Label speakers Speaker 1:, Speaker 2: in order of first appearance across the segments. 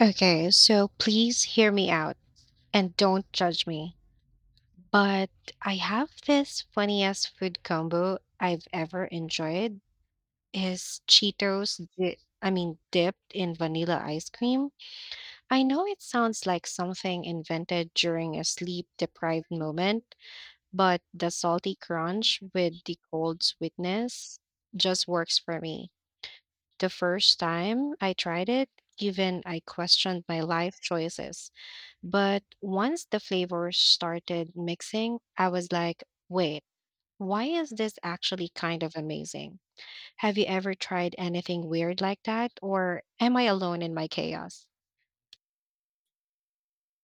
Speaker 1: Okay, so please hear me out and don't judge me. But I have this funniest food combo I've ever enjoyed is Cheetos dipped in vanilla ice cream. I know it sounds like something invented during a sleep deprived moment, but the salty crunch with the cold sweetness just works for me. The first time I tried it, even I questioned my life choices. But once the flavors started mixing, I was like, wait, why is this actually kind of amazing? Have you ever tried anything weird like that? Or am I alone in my chaos?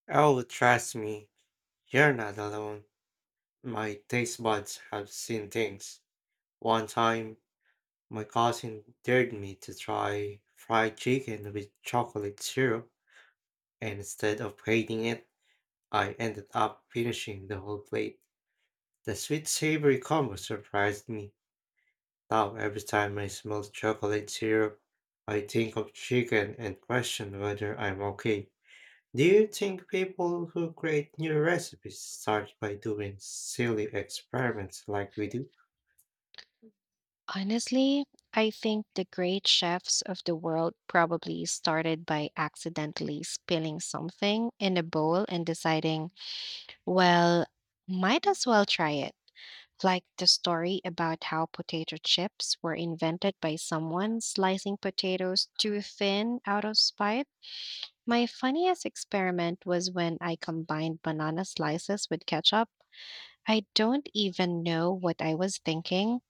Speaker 2: Oh, trust me, you're not alone. My taste buds have seen things. One time, my cousin dared me to try fried chicken with chocolate syrup, and instead of hating it, I ended up finishing the whole plate. The sweet savory combo surprised me. Now, every time I smell chocolate syrup, I think of chicken and question whether I'm okay. Do you think people who create new recipes start by doing silly experiments like we do?
Speaker 1: Honestly, I think the great chefs of the world probably started by accidentally spilling something in a bowl and deciding, well, might as well try it. Like the story about how potato chips were invented by someone slicing potatoes too thin out of spite. My funniest experiment was when I combined banana slices with ketchup. I don't even know what I was thinking.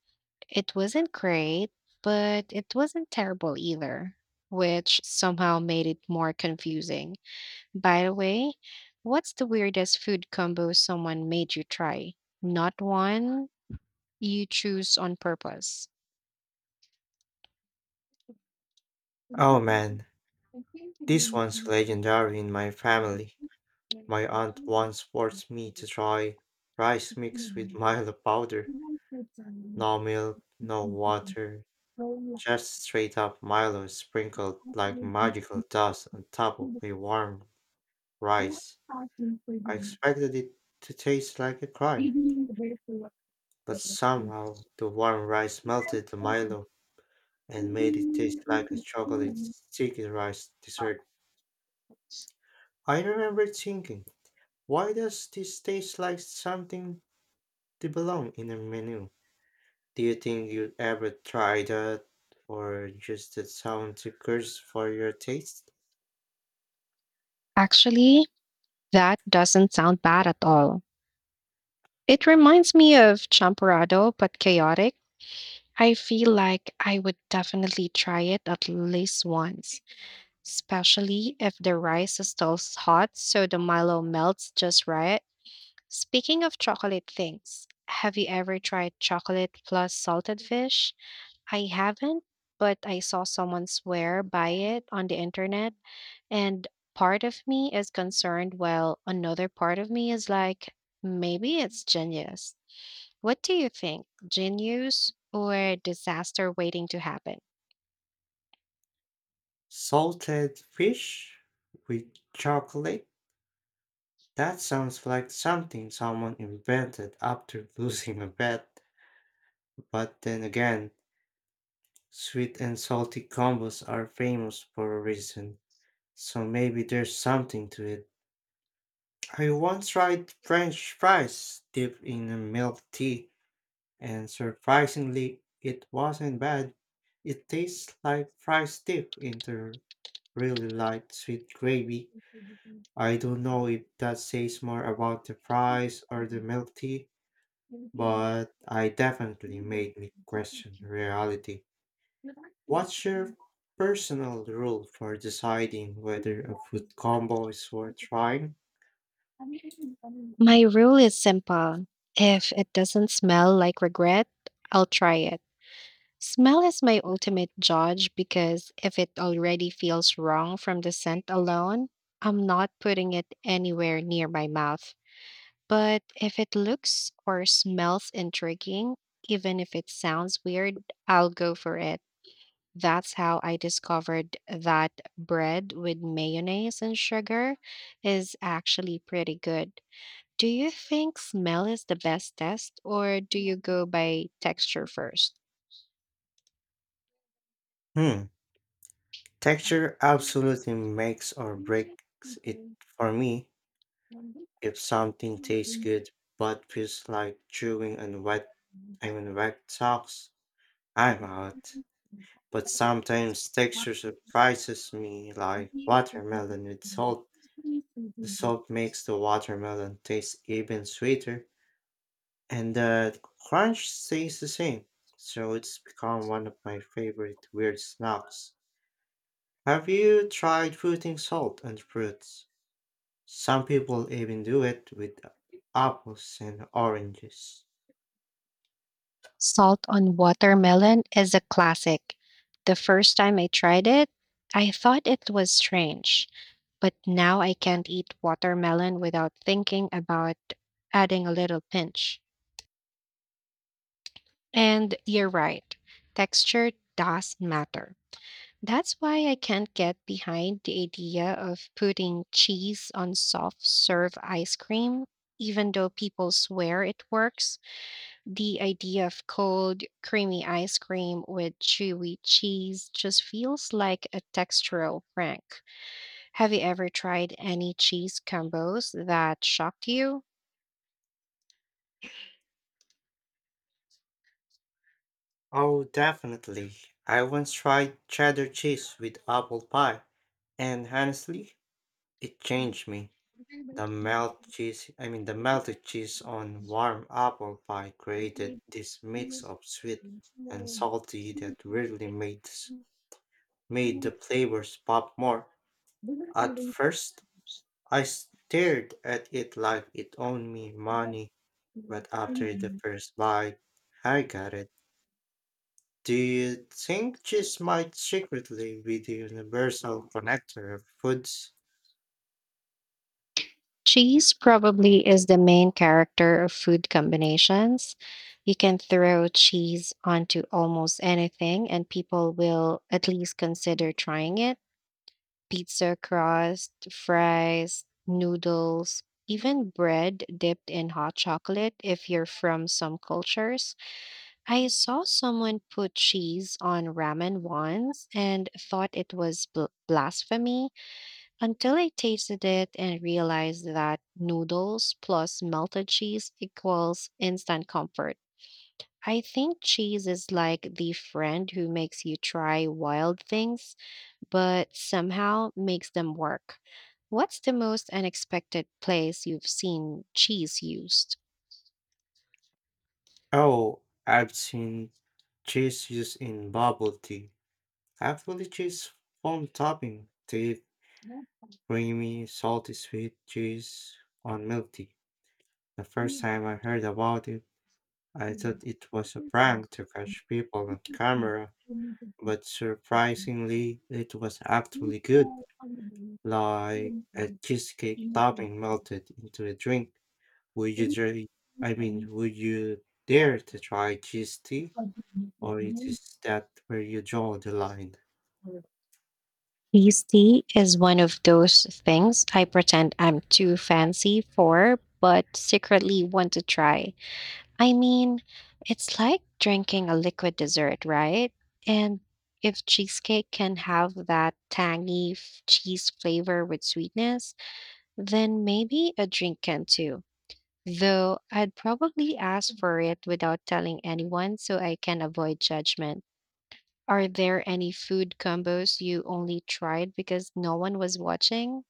Speaker 1: It wasn't great, but it wasn't terrible either, which somehow made it more confusing. By the way, what's the weirdest food combo someone made you try? Not one, you choose on purpose.
Speaker 2: Oh man, this one's legendary in my family. My aunt once forced me to try rice mixed with Milo powder. No milk, no water, just straight up Milo sprinkled like magical dust on top of a warm rice. I expected it to taste like a crime, but somehow the warm rice melted the Milo and made it taste like a chocolate sticky rice dessert. I remember thinking, why does this taste like something to belong in a menu? Do you think you'd ever try that, or just that sounds a curse for your taste?
Speaker 1: Actually, that doesn't sound bad at all. It reminds me of Champorado, but chaotic. I feel like I would definitely try it at least once, especially if the rice is still hot so the Milo melts just right. Speaking of chocolate things, have you ever tried chocolate plus salted fish? I haven't, but I saw someone swear by it on the internet, and part of me is concerned, while another part of me is like, maybe it's genius. What do you think? Genius or disaster waiting to happen?
Speaker 2: Salted fish with chocolate? That sounds like something someone invented after losing a bet. But then again, sweet and salty combos are famous for a reason. So maybe there's something to it. I once tried French fries dipped in a milk tea, and surprisingly, it wasn't bad. It tastes like fries dipped into really light sweet gravy. I don't know if that says more about the fries or the milk tea, but I definitely made me question reality. What's your personal rule for deciding whether a food combo is worth trying?
Speaker 1: My rule is simple. If it doesn't smell like regret, I'll try it. Smell is my ultimate judge because if it already feels wrong from the scent alone, I'm not putting it anywhere near my mouth. But if it looks or smells intriguing, even if it sounds weird, I'll go for it. That's how I discovered that bread with mayonnaise and sugar is actually pretty good. Do you think smell is the best test, or do you go by texture first?
Speaker 2: Hmm. Texture absolutely makes or breaks it for me. If something tastes good but feels like chewing on wet, I mean wet socks, I'm out. But sometimes texture surprises me, like watermelon with salt. The salt makes the watermelon taste even sweeter, and the crunch stays the same. So it's become one of my favorite weird snacks. Have you tried putting salt on fruits? Some people even do it with apples and oranges.
Speaker 1: Salt on watermelon is a classic. The first time I tried it, I thought it was strange, but now I can't eat watermelon without thinking about adding a little pinch. And you're right, texture does matter. That's why I can't get behind the idea of putting cheese on soft serve ice cream, even though people swear it works. The idea of cold, creamy ice cream with chewy cheese just feels like a textural prank. Have you ever tried any cheese combos that shocked you?
Speaker 2: Oh, definitely. I once tried cheddar cheese with apple pie, and honestly, it changed me. The melt cheese, I mean the melted cheese on warm apple pie created this mix of sweet and salty that really made the flavors pop more. At first, I stared at it like it owed me money. But after the first bite, I got it. Do you think cheese might secretly be the universal connector of foods?
Speaker 1: Cheese probably is the main character of food combinations. You can throw cheese onto almost anything, and people will at least consider trying it. Pizza crust, fries, noodles, even bread dipped in hot chocolate if you're from some cultures. I saw someone put cheese on ramen once and thought it was blasphemy until I tasted it and realized that noodles plus melted cheese equals instant comfort. I think cheese is like the friend who makes you try wild things, but somehow makes them work. What's the most unexpected place you've seen cheese used?
Speaker 2: Oh, I've seen cheese used in bubble tea. Actually, cheese foam topping, thick, creamy, salty, sweet cheese on milk tea. The first time I heard about it, I thought it was a prank to catch people on camera, but surprisingly, it was actually good. Like a cheesecake topping melted into a drink. Would you dare? I mean, would you dare to try cheese tea, or it is that where you draw the line?
Speaker 1: Tasty is one of those things I pretend I'm too fancy for, but secretly want to try. I mean, it's like drinking a liquid dessert, right? And if cheesecake can have that cheese flavor with sweetness, then maybe a drink can too. Though I'd probably ask for it without telling anyone so I can avoid judgment. Are there any food combos you only tried because no one was watching?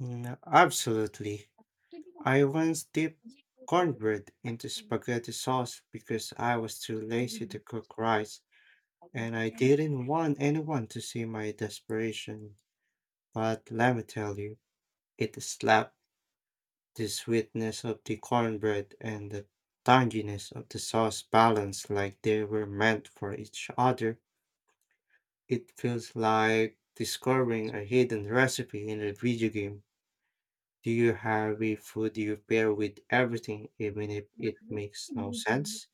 Speaker 2: Mm, absolutely. I once dipped cornbread into spaghetti sauce because I was too lazy to cook rice, and I didn't want anyone to see my desperation. But let me tell you, it slapped. The sweetness of the cornbread and the tanginess of the sauce balance like they were meant for each other. It feels like discovering a hidden recipe in a video game. Do you have a food you pair with everything, even if it makes no sense?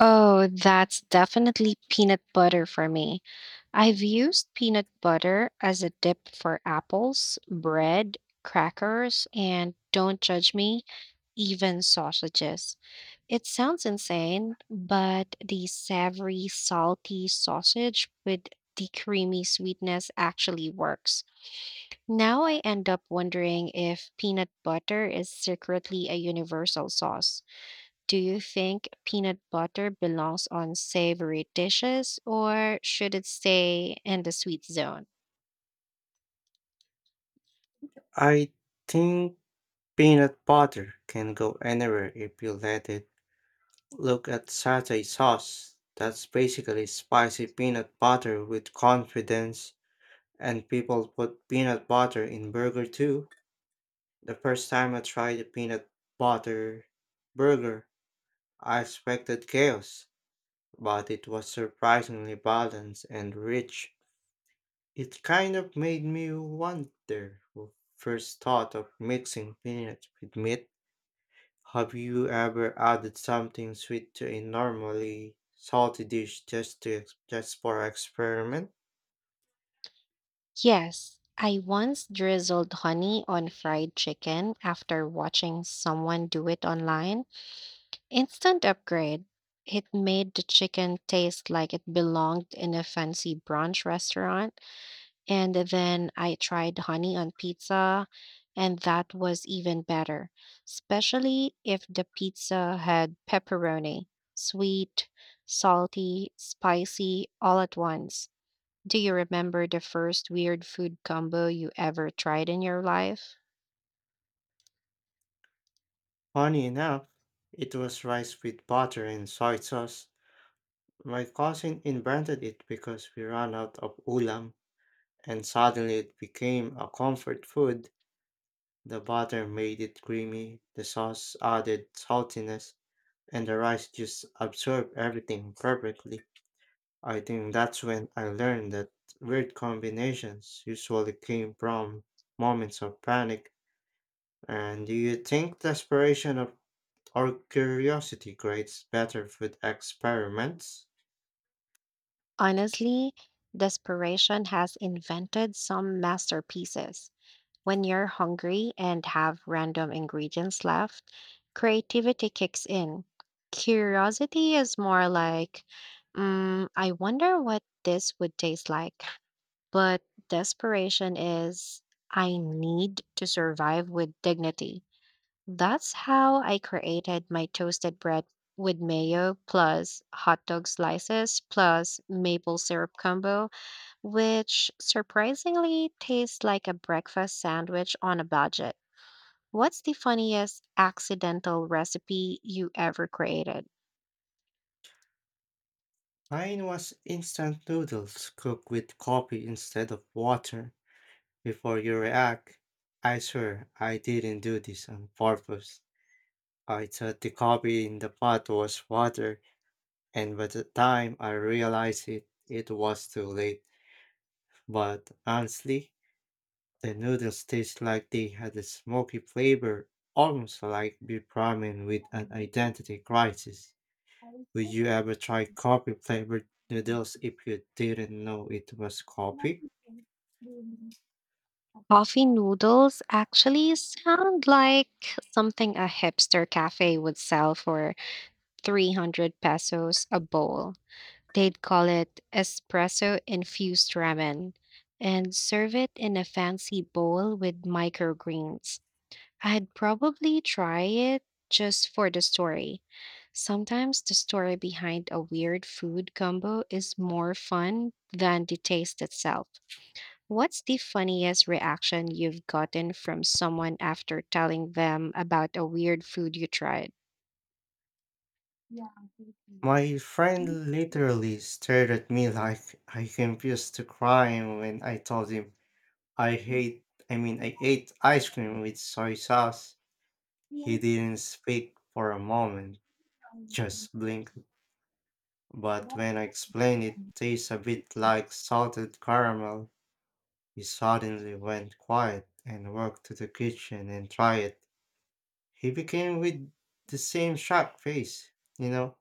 Speaker 1: Oh, that's definitely peanut butter for me. I've used peanut butter as a dip for apples, bread, crackers, and don't judge me, even sausages. It sounds insane, but the savory, salty sausage with the creamy sweetness actually works. Now I end up wondering if peanut butter is secretly a universal sauce. Do you think peanut butter belongs on savory dishes or should it stay in the sweet zone?
Speaker 2: I think peanut butter can go anywhere if you let it. Look at satay sauce. That's basically spicy peanut butter with confidence. And people put peanut butter in burger too. The first time I tried a peanut butter burger, I expected chaos, but it was surprisingly balanced and rich. It kind of made me wonder who first thought of mixing peanuts with meat. Have you ever added something sweet to a normally salty dish just for experiment?
Speaker 1: Yes, I once drizzled honey on fried chicken after watching someone do it online. Instant upgrade. It made the chicken taste like it belonged in a fancy brunch restaurant. And then I tried honey on pizza, and that was even better, especially if the pizza had pepperoni, sweet, salty, spicy, all at once. Do you remember the first weird food combo you ever tried in your life?
Speaker 2: Funny enough, it was rice with butter and soy sauce. My cousin invented it because we ran out of ulam, and suddenly it became a comfort food. The butter made it creamy, the sauce added saltiness, and the rice just absorbed everything perfectly. I think that's when I learned that weird combinations usually came from moments of panic. And do you think desperation of, or curiosity creates better food experiments?
Speaker 1: Honestly, desperation has invented some masterpieces. When you're hungry and have random ingredients left, creativity kicks in. Curiosity is more like, I wonder what this would taste like. But desperation is, I need to survive with dignity. That's how I created my toasted bread with mayo plus hot dog slices plus maple syrup combo which surprisingly tastes like a breakfast sandwich on a budget. What's the funniest accidental recipe you ever created?
Speaker 2: Mine was instant noodles cooked with coffee instead of water. Before you react, I swear I didn't do this on purpose. I thought the coffee in the pot was water, and by the time I realized it, it was too late. But honestly, the noodles taste like they had a smoky flavor, almost like beef ramen with an identity crisis. Would you ever try coffee flavored noodles if you didn't know it was coffee?
Speaker 1: Coffee noodles actually sound like something a hipster cafe would sell for 300 pesos a bowl. They'd call it espresso infused ramen and serve it in a fancy bowl with microgreens. I'd probably try it just for the story. Sometimes the story behind a weird food combo is more fun than the taste itself. What's the funniest reaction you've gotten from someone after telling them about a weird food you tried?
Speaker 2: My friend literally stared at me like I confused to crime when I told him I hate I mean I ate ice cream with soy sauce. He didn't speak for a moment, just blinked. But when I explained it tastes a bit like salted caramel, he suddenly went quiet and walked to the kitchen and tried it. He became with the same shocked face, you know.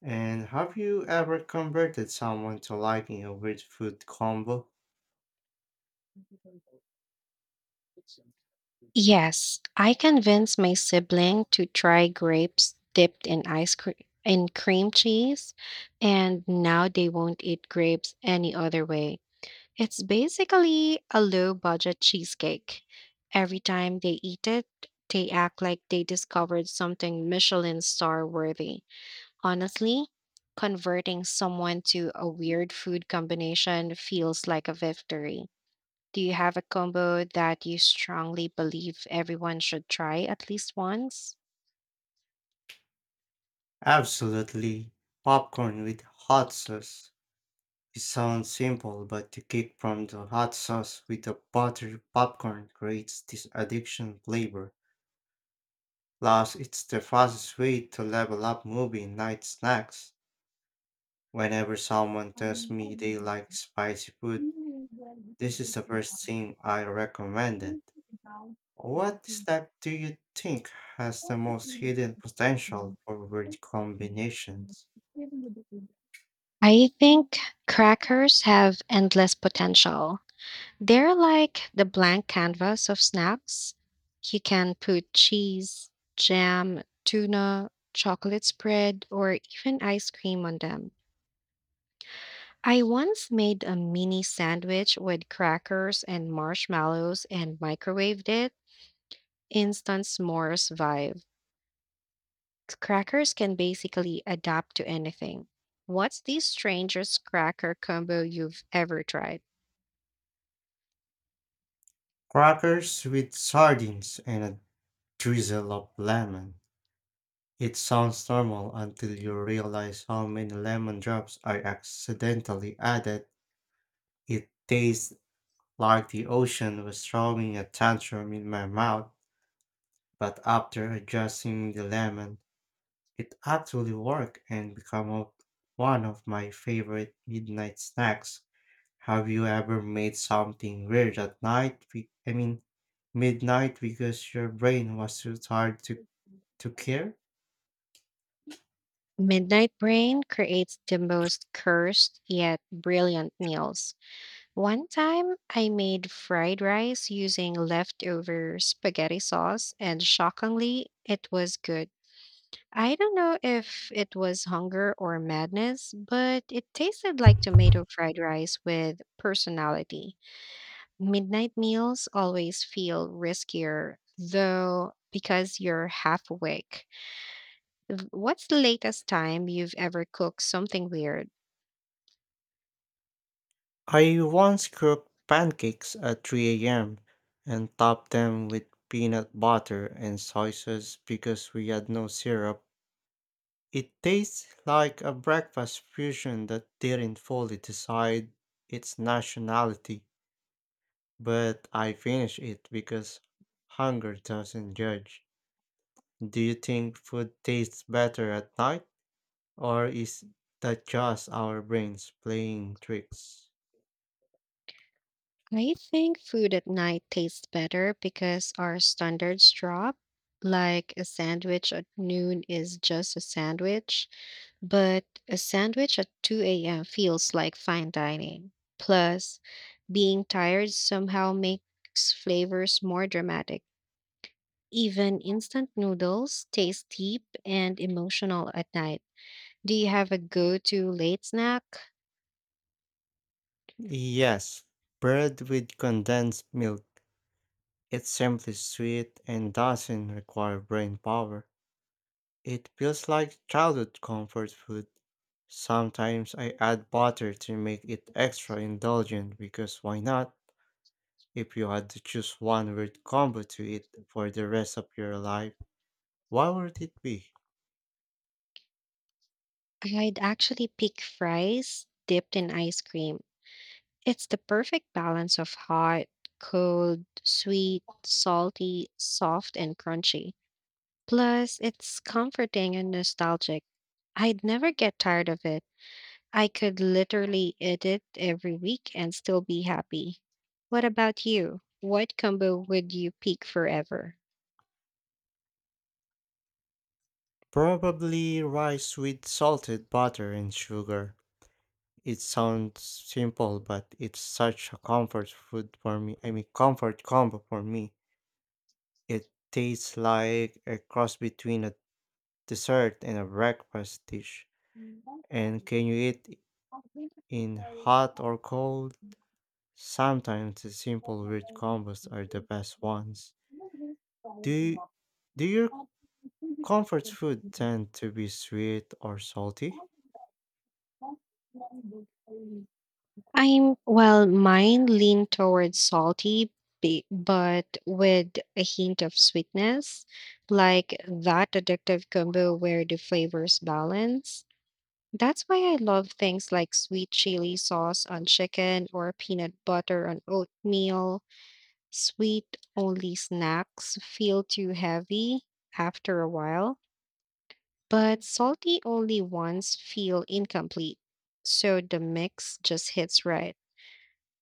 Speaker 2: And have you ever converted someone to liking a weird food combo?
Speaker 1: Yes, I convinced my sibling to try grapes dipped in ice cream in cream cheese, and now they won't eat grapes any other way. It's basically a low budget cheesecake. Every time they eat it, they act like they discovered something Michelin star worthy. Honestly, converting someone to a weird food combination feels like a victory. Do you have a combo that you strongly believe everyone should try at least once?
Speaker 2: Absolutely. Popcorn with hot sauce. It sounds simple, but the kick from the hot sauce with the buttery popcorn creates this addiction flavor. Plus, it's the fastest way to level up movie night snacks. Whenever someone tells me they like spicy food, this is the first thing I recommended. What step do you think has the most hidden potential for word combinations?
Speaker 1: I think crackers have endless potential. They're like the blank canvas of snacks. You can put cheese, jam, tuna, chocolate spread, or even ice cream on them. I once made a mini sandwich with crackers and marshmallows and microwaved it. Instant s'mores vibe. Crackers can basically adapt to anything. What's the strangest cracker combo you've ever tried?
Speaker 2: Crackers with sardines and a drizzle of lemon. It sounds normal until you realize how many lemon drops are accidentally added. It tastes like the ocean was throwing a tantrum in my mouth, but after adjusting the lemon, it actually worked and became one of my favorite midnight snacks. Have you ever made something weird at night? I mean, midnight because your brain was too tired to care?
Speaker 1: Midnight Brain creates the most cursed yet brilliant meals. One time, I made fried rice using leftover spaghetti sauce, and shockingly, it was good. I don't know if it was hunger or madness, but it tasted like tomato fried rice with personality. Midnight meals always feel riskier, though, because you're half awake. What's the latest time you've ever cooked something weird?
Speaker 2: I once cooked pancakes at 3 a.m. and topped them with peanut butter and soy sauce because we had no syrup. It tastes like a breakfast fusion that didn't fully decide its nationality, but I finished it because hunger doesn't judge. Do you think food tastes better at night, or is that just our brains playing tricks?
Speaker 1: I think food at night tastes better because our standards drop. Like a sandwich at noon is just a sandwich but a sandwich at 2 a.m. feels like fine dining. Plus, being tired somehow makes flavors more dramatic. Even instant noodles taste deep and emotional at night. Do you have a go to late snack?
Speaker 2: Yes, bread with condensed milk. It's simply sweet and doesn't require brain power. It feels like childhood comfort food. Sometimes I add butter to make it extra indulgent because why not? If you had to choose one word combo to eat for the rest of your life, what would it be?
Speaker 1: I'd actually pick fries dipped in ice cream. It's the perfect balance of hot, cold, sweet, salty, soft, and crunchy. Plus, it's comforting and nostalgic. I'd never get tired of it. I could literally eat it every week and still be happy. What about you? What combo would you pick forever?
Speaker 2: Probably rice with salted butter and sugar. It sounds simple, but it's such a comfort food for me. I mean, comfort combo for me. It tastes like a cross between a dessert and a breakfast dish. And can you eat it in hot or cold? Sometimes the simple rich combos are the best ones. Do you, do your Comfort food tend to be sweet or salty.
Speaker 1: I'm well, mine lean towards salty, but with a hint of sweetness, like that addictive combo where the flavors balance. That's why I love things like sweet chili sauce on chicken or peanut butter on oatmeal. Sweet only snacks feel too heavy after a while, but salty only ones feel incomplete. So the mix just hits right.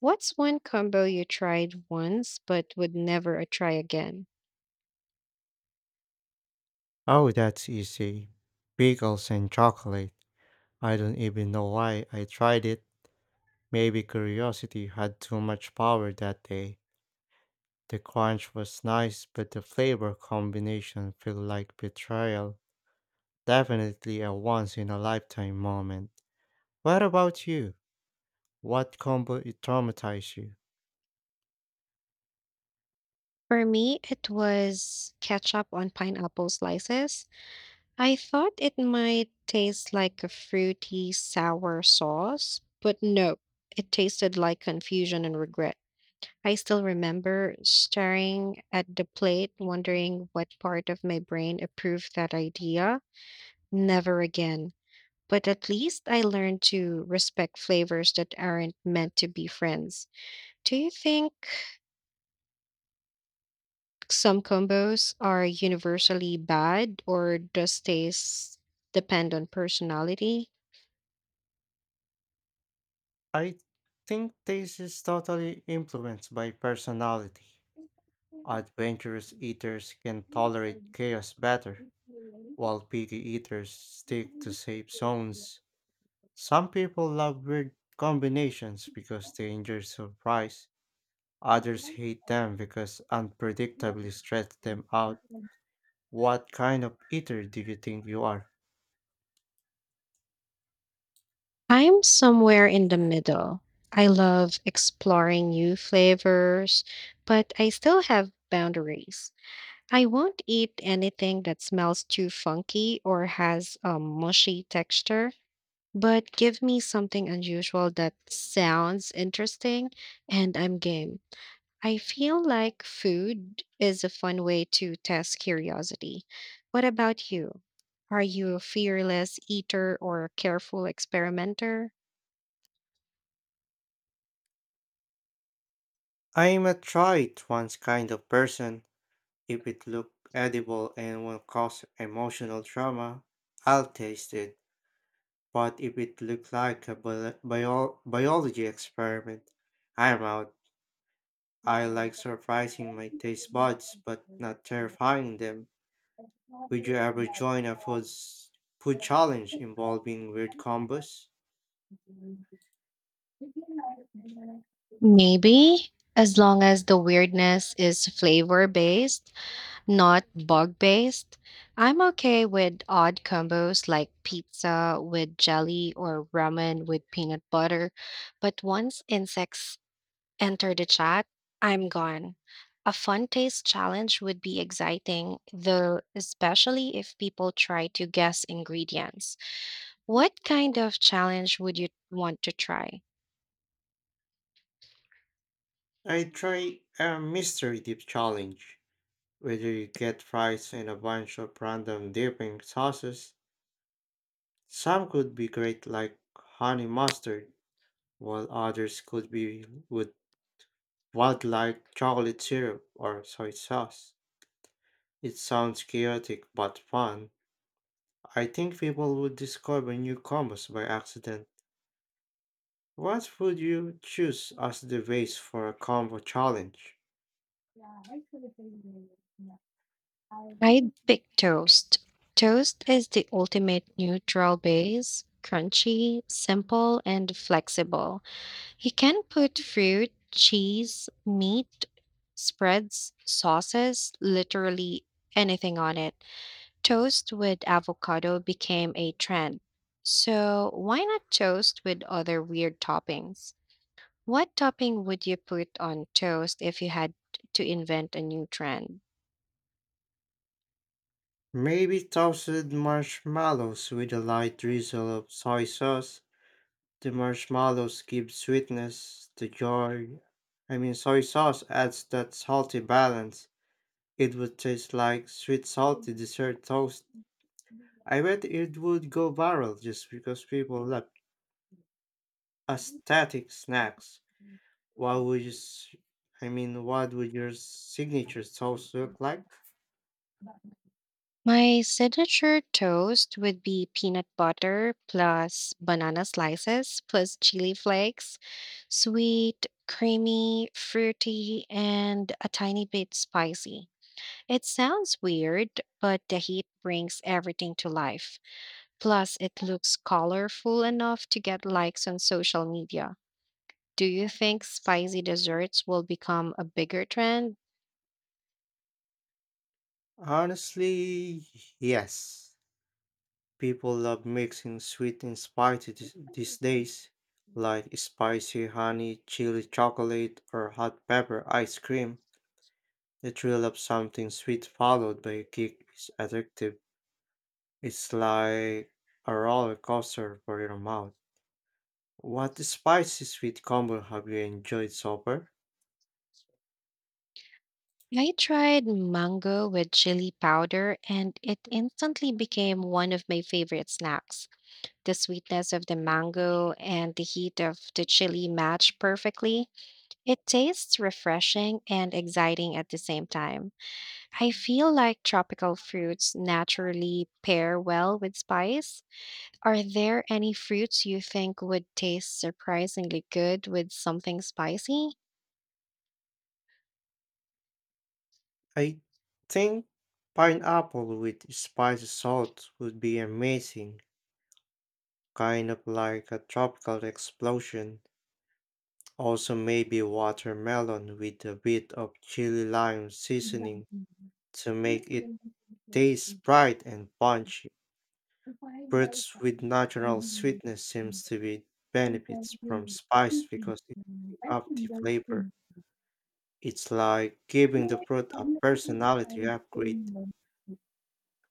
Speaker 1: What's one combo you tried once but would never try again?
Speaker 2: Oh, that's easy. Bagels and chocolate. I don't even know why I tried it. Maybe curiosity had too much power that day. The crunch was nice, but the flavor combination felt like betrayal. Definitely a once in a lifetime moment. What about you? What combo it traumatized you?
Speaker 1: For me, it was ketchup on pineapple slices. I thought it might taste like a fruity sour sauce, but no, it tasted like confusion and regret. I still remember staring at the plate, wondering what part of my brain approved that idea. Never again. But at least I learned to respect flavors that aren't meant to be friends. Do you think some combos are universally bad, or does taste depend on personality?
Speaker 2: I think this is totally influenced by personality. Adventurous eaters can tolerate chaos better, while picky eaters stick to safe zones. Some people love weird combinations because they enjoy surprise. Others hate them because unpredictably stress them out. What kind of eater do you think you are?
Speaker 1: I'm somewhere in the middle. I love exploring new flavors, but I still have boundaries. I won't eat anything that smells too funky or has a mushy texture. But give me something unusual that sounds interesting and I'm game. I feel like food is a fun way to test curiosity. What about you? Are you a fearless eater or a careful experimenter?
Speaker 2: I'm a try it once kind of person. If it look edible and won't cause emotional trauma, I'll taste it. But if it look like a biology experiment, I'm out. I like surprising my taste buds, but not terrifying them. Would you ever join a food challenge involving weird combos?
Speaker 1: Maybe, as long as the weirdness is flavor based. Not bug based. I'm okay with odd combos like pizza with jelly or ramen with peanut butter, but once insects enter the chat, I'm gone. A fun taste challenge would be exciting, though, especially if people try to guess ingredients. What kind of challenge would you want to try?
Speaker 2: I try a mystery dip challenge, where you get fries and a bunch of random dipping sauces. Some could be great like honey mustard, while others could be with wild like chocolate syrup or soy sauce. It sounds chaotic but fun. I think people would discover new combos by accident. What would you choose as the base for a combo challenge?
Speaker 1: I'd pick toast. Toast is the ultimate neutral base, crunchy, simple, and flexible. You can put fruit, cheese, meat, spreads, sauces, literally anything on it. Toast with avocado became a trend. So, why not toast with other weird toppings? What topping would you put on toast if you had to invent a new trend?
Speaker 2: Maybe toasted marshmallows with a light drizzle of soy sauce. The marshmallows give sweetness, the joy. I mean, soy sauce adds that salty balance. It would taste like sweet salty dessert toast. I bet it would go viral just because people love aesthetic snacks. What would you, s- I mean, what would your signature toast look like?
Speaker 1: My signature toast would be peanut butter plus banana slices plus chili flakes, sweet, creamy, fruity, and a tiny bit spicy. It sounds weird, but the heat brings everything to life. Plus, it looks colorful enough to get likes on social media. Do you think spicy desserts will become a bigger trend?
Speaker 2: Honestly, yes. People love mixing sweet and spicy these days, like spicy honey, chili chocolate, or hot pepper ice cream. The thrill of something sweet followed by a kick is addictive. It's like a roller coaster for your mouth. What spicy sweet combo have you enjoyed so far?
Speaker 1: I tried mango with chili powder, and it instantly became one of my favorite snacks. The sweetness of the mango and the heat of the chili match perfectly. It tastes refreshing and exciting at the same time. I feel like tropical fruits naturally pair well with spice. Are there any fruits you think would taste surprisingly good with something spicy?
Speaker 2: I think pineapple with spicy salt would be amazing, kind of like a tropical explosion. Also, maybe watermelon with a bit of chili lime seasoning to make it taste bright and punchy. Fruits with natural sweetness seems to be benefits from spice because it pick up the flavor. It's like giving the fruit a personality upgrade.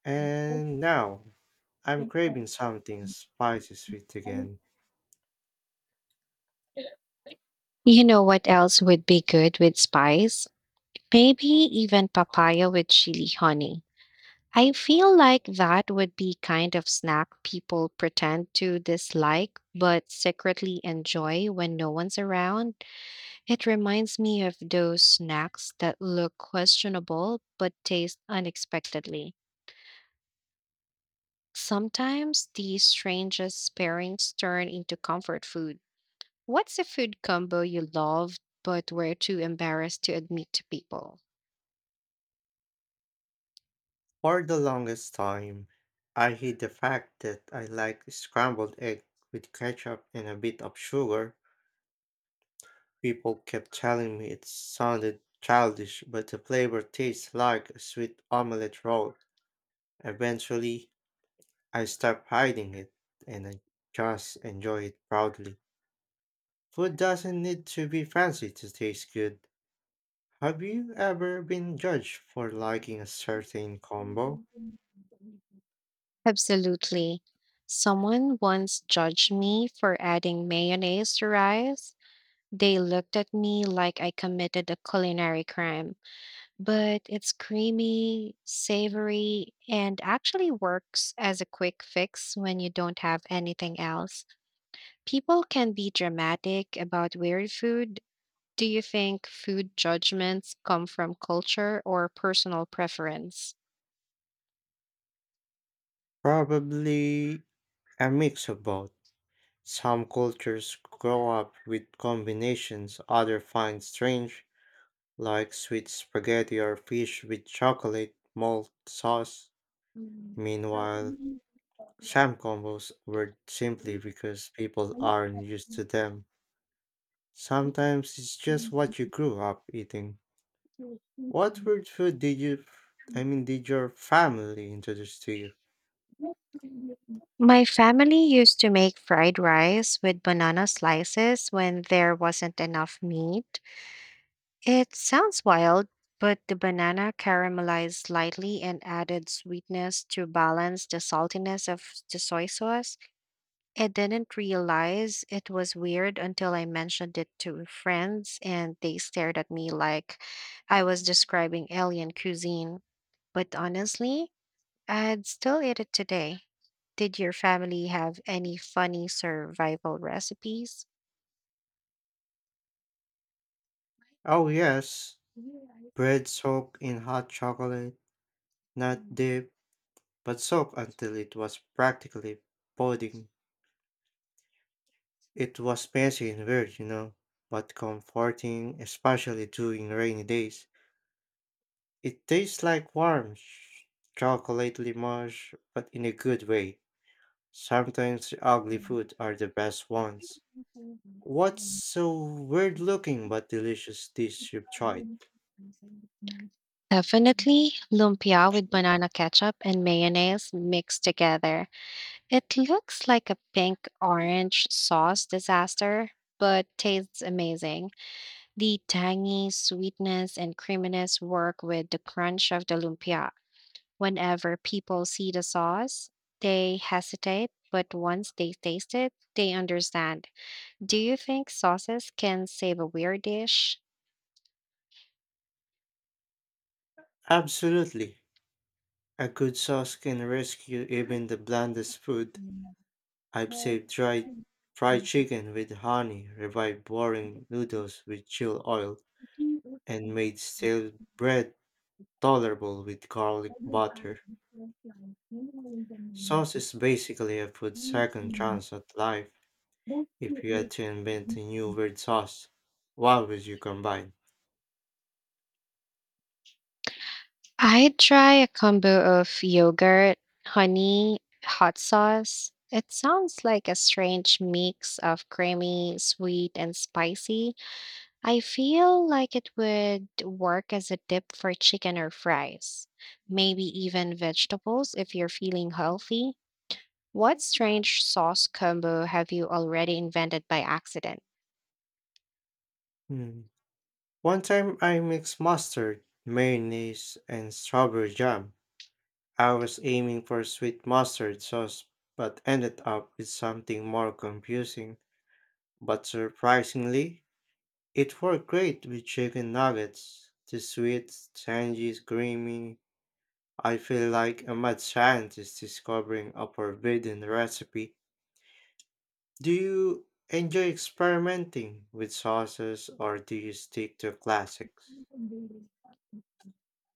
Speaker 2: And now, I'm craving something spicy sweet again.
Speaker 1: You know what else would be good with spice? Maybe even papaya with chili honey. I feel like that would be kind of snack people pretend to dislike but secretly enjoy when no one's around. It reminds me of those snacks that look questionable but taste unexpectedly. Sometimes these strangest pairings turn into comfort food. What's a food combo you love but were too embarrassed to admit to people?
Speaker 2: For the longest time, I hid the fact that I like scrambled egg with ketchup and a bit of sugar. People kept telling me it sounded childish, but the flavor tastes like a sweet omelette roll. Eventually, I stopped hiding it and I just enjoy it proudly. Food doesn't need to be fancy to taste good. Have you ever been judged for liking a certain combo?
Speaker 1: Absolutely. Someone once judged me for adding mayonnaise to rice. They looked at me like I committed a culinary crime, but it's creamy, savory, and actually works as a quick fix when you don't have anything else. People can be dramatic about weird food. Do you think food judgments come from culture or personal preference?
Speaker 2: Probably a mix of both. Some cultures grow up with combinations others find strange, like sweet spaghetti or fish with chocolate malt sauce. Meanwhile, some combos were simply because people aren't used to them. Sometimes it's just what you grew up eating. What weird food did did your family introduce to you?
Speaker 1: My family used to make fried rice with banana slices when there wasn't enough meat. It sounds wild, but the banana caramelized slightly and added sweetness to balance the saltiness of the soy sauce. I didn't realize it was weird until I mentioned it to friends, and they stared at me like I was describing alien cuisine. But honestly, I'd still eat it today. Did your family have any funny survival recipes?
Speaker 2: Oh, yes, bread soaked in hot chocolate, nut dip but soaked until it was practically pudding. It was messy and weird, but comforting, especially during rainy days. It tastes like chocolate limonge, but in a good way. Sometimes the ugly food are the best ones. What's so weird looking but delicious dish you've tried?
Speaker 1: Definitely lumpia with banana ketchup and mayonnaise mixed together. It looks like a pink orange sauce disaster, but tastes amazing. The tangy sweetness and creaminess work with the crunch of the lumpia. Whenever people see the sauce, they hesitate, but once they taste it, they understand. Do you think sauces can save a weird dish?
Speaker 2: Absolutely. A good sauce can rescue even the blandest food. I've saved dry fried chicken with honey, revived boring noodles with chill oil, and made stale bread tolerable with garlic butter. Sauce is basically a food second chance at life. If you had to invent a new weird sauce, what would you combine?
Speaker 1: I'd try a combo of yogurt, honey, hot sauce. It sounds like a strange mix of creamy, sweet, and spicy. I feel like it would work as a dip for chicken or fries, maybe even vegetables if you're feeling healthy. What strange sauce combo have you already invented by accident?
Speaker 2: Hmm. One time I mixed mustard, mayonnaise, and strawberry jam. I was aiming for sweet mustard sauce, but ended up with something more confusing. But surprisingly, it worked great with chicken nuggets. The sweet, tangy, creamy. I feel like a mad scientist discovering a forbidden recipe. Do you enjoy experimenting with sauces or do you stick to classics?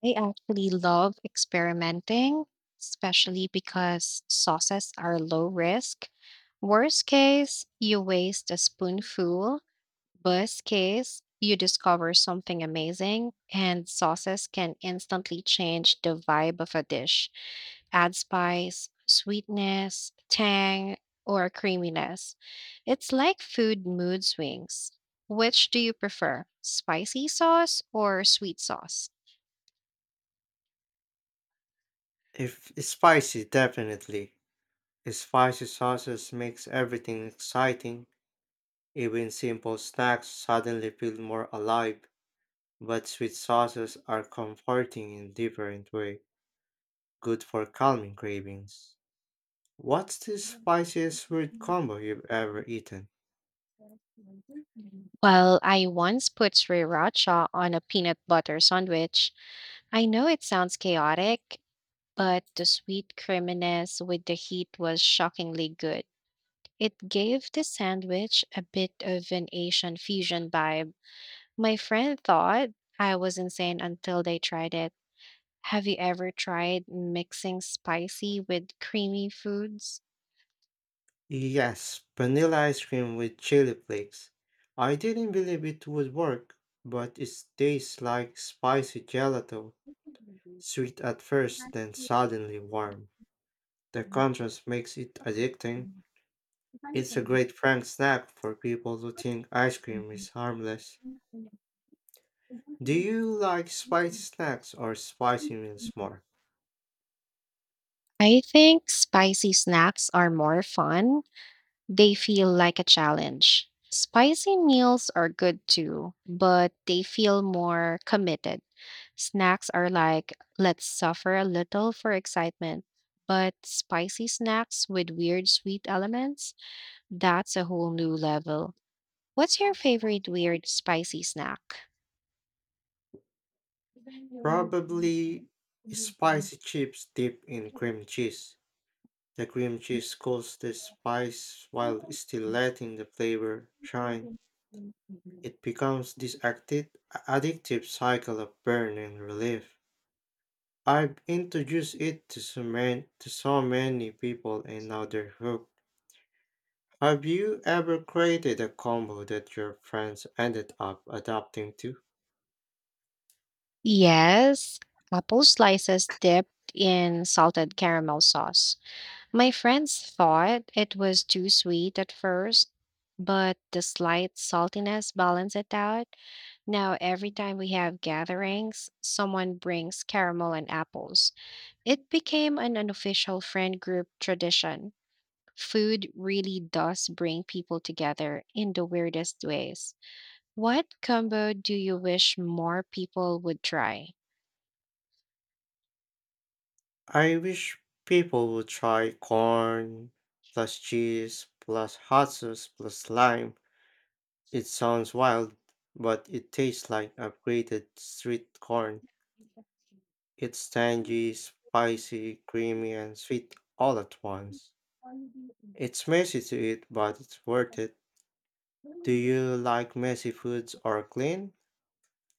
Speaker 1: I actually love experimenting, especially because sauces are low risk. Worst case, you waste a spoonful, best case, you discover something amazing, and sauces can instantly change the vibe of a dish, add spice, sweetness, tang, or creaminess. It's like food mood swings. Which do you prefer, spicy sauce or sweet sauce?
Speaker 2: If spicy, definitely. Spicy sauces makes everything exciting. Even simple snacks suddenly feel more alive, but sweet sauces are comforting in different way, good for calming cravings. What's the spiciest fruit combo you've ever eaten?
Speaker 1: Well, I once put sriracha on a peanut butter sandwich. I know it sounds chaotic, but the sweet creaminess with the heat was shockingly good. It gave the sandwich a bit of an Asian fusion vibe. My friend thought I was insane until they tried it. Have you ever tried mixing spicy with creamy foods?
Speaker 2: Yes, vanilla ice cream with chili flakes. I didn't believe it would work, but it tastes like spicy gelato, sweet at first, then suddenly warm. The contrast makes it addicting. It's a great prank snack for people who think ice cream is harmless. Do you like spicy snacks or spicy meals more?
Speaker 1: I think spicy snacks are more fun. They feel like a challenge. Spicy meals are good too, but they feel more committed. Snacks are like, let's suffer a little for excitement. But spicy snacks with weird sweet elements, that's a whole new level. What's your favorite weird spicy snack?
Speaker 2: Probably spicy chips dipped in cream cheese. The cream cheese cools the spice while still letting the flavor shine. It becomes this addictive cycle of burn and relief. I've introduced it to so many people and now they're hooked. Have you ever created a combo that your friends ended up adapting to?
Speaker 1: Yes, apple slices dipped in salted caramel sauce. My friends thought it was too sweet at first, but the slight saltiness balanced it out. Now, every time we have gatherings, someone brings caramel and apples. It became an unofficial friend group tradition. Food really does bring people together in the weirdest ways. What combo do you wish more people would try?
Speaker 2: I wish people would try corn plus cheese plus hot sauce plus lime. It sounds wild, but it tastes like upgraded street corn. It's tangy, spicy, creamy, and sweet all at once. It's messy to eat, but it's worth it. Do you like messy foods or clean,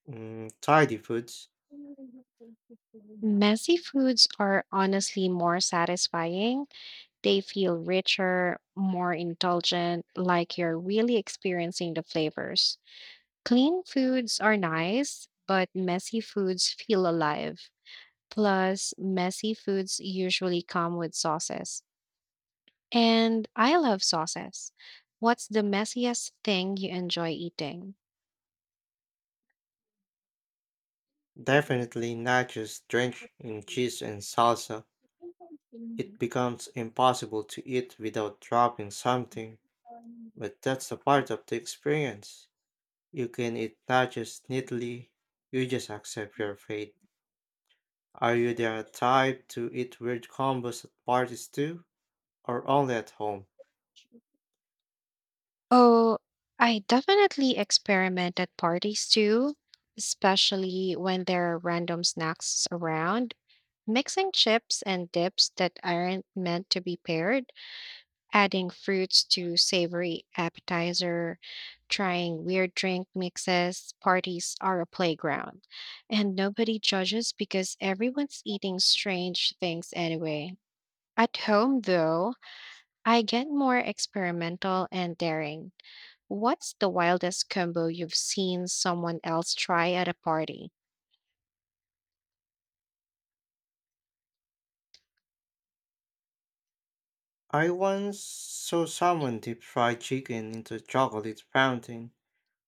Speaker 2: mm, tidy foods?
Speaker 1: Messy foods are honestly more satisfying, they feel richer, more indulgent, like you're really experiencing the flavors. Clean foods are nice, but messy foods feel alive. Plus, messy foods usually come with sauces. And I love sauces. What's the messiest thing you enjoy eating?
Speaker 2: Definitely nachos, just drenched in cheese and salsa. It
Speaker 1: Mm.
Speaker 2: becomes impossible to eat without dropping something, but that's a part of the experience. You can eat nachos neatly, you just accept your fate. Are you the type to eat weird combos at parties too, or only at home?
Speaker 1: Oh, I definitely experiment at parties too, especially when there are random snacks around. Mixing chips and dips that aren't meant to be paired, adding fruits to savory appetizer, trying weird drink mixes, parties are a playground. And nobody judges because everyone's eating strange things anyway. At home, though, I get more experimental and daring. What's the wildest combo you've seen someone else try at a party?
Speaker 2: I once saw someone dip fried chicken into a chocolate fountain.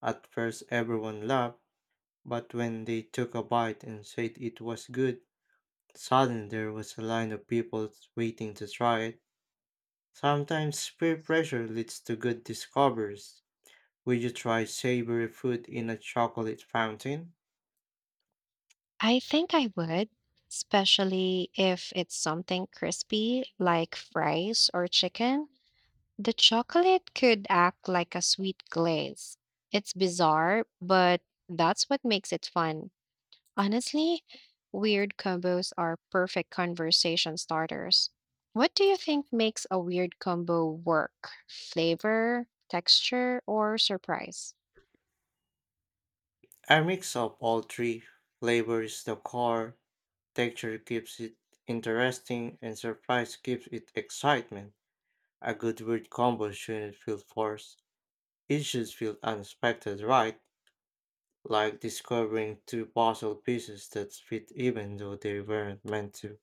Speaker 2: At first, everyone laughed, but when they took a bite and said it was good, suddenly there was a line of people waiting to try it. Sometimes peer pressure leads to good discoveries. Would you try savory fruit in a chocolate fountain?
Speaker 1: I think I would, especially if it's something crispy like fries or chicken. The chocolate could act like a sweet glaze. It's bizarre, but that's what makes it fun. Honestly, weird combos are perfect conversation starters. What do you think makes a weird combo work? Flavor, texture, or surprise?
Speaker 2: A mix of all three. Flavor is the core, texture keeps it interesting, and surprise gives it excitement. A good word combo shouldn't feel forced. It should feel unexpected, right? Like discovering two puzzle pieces that fit even though they weren't meant to.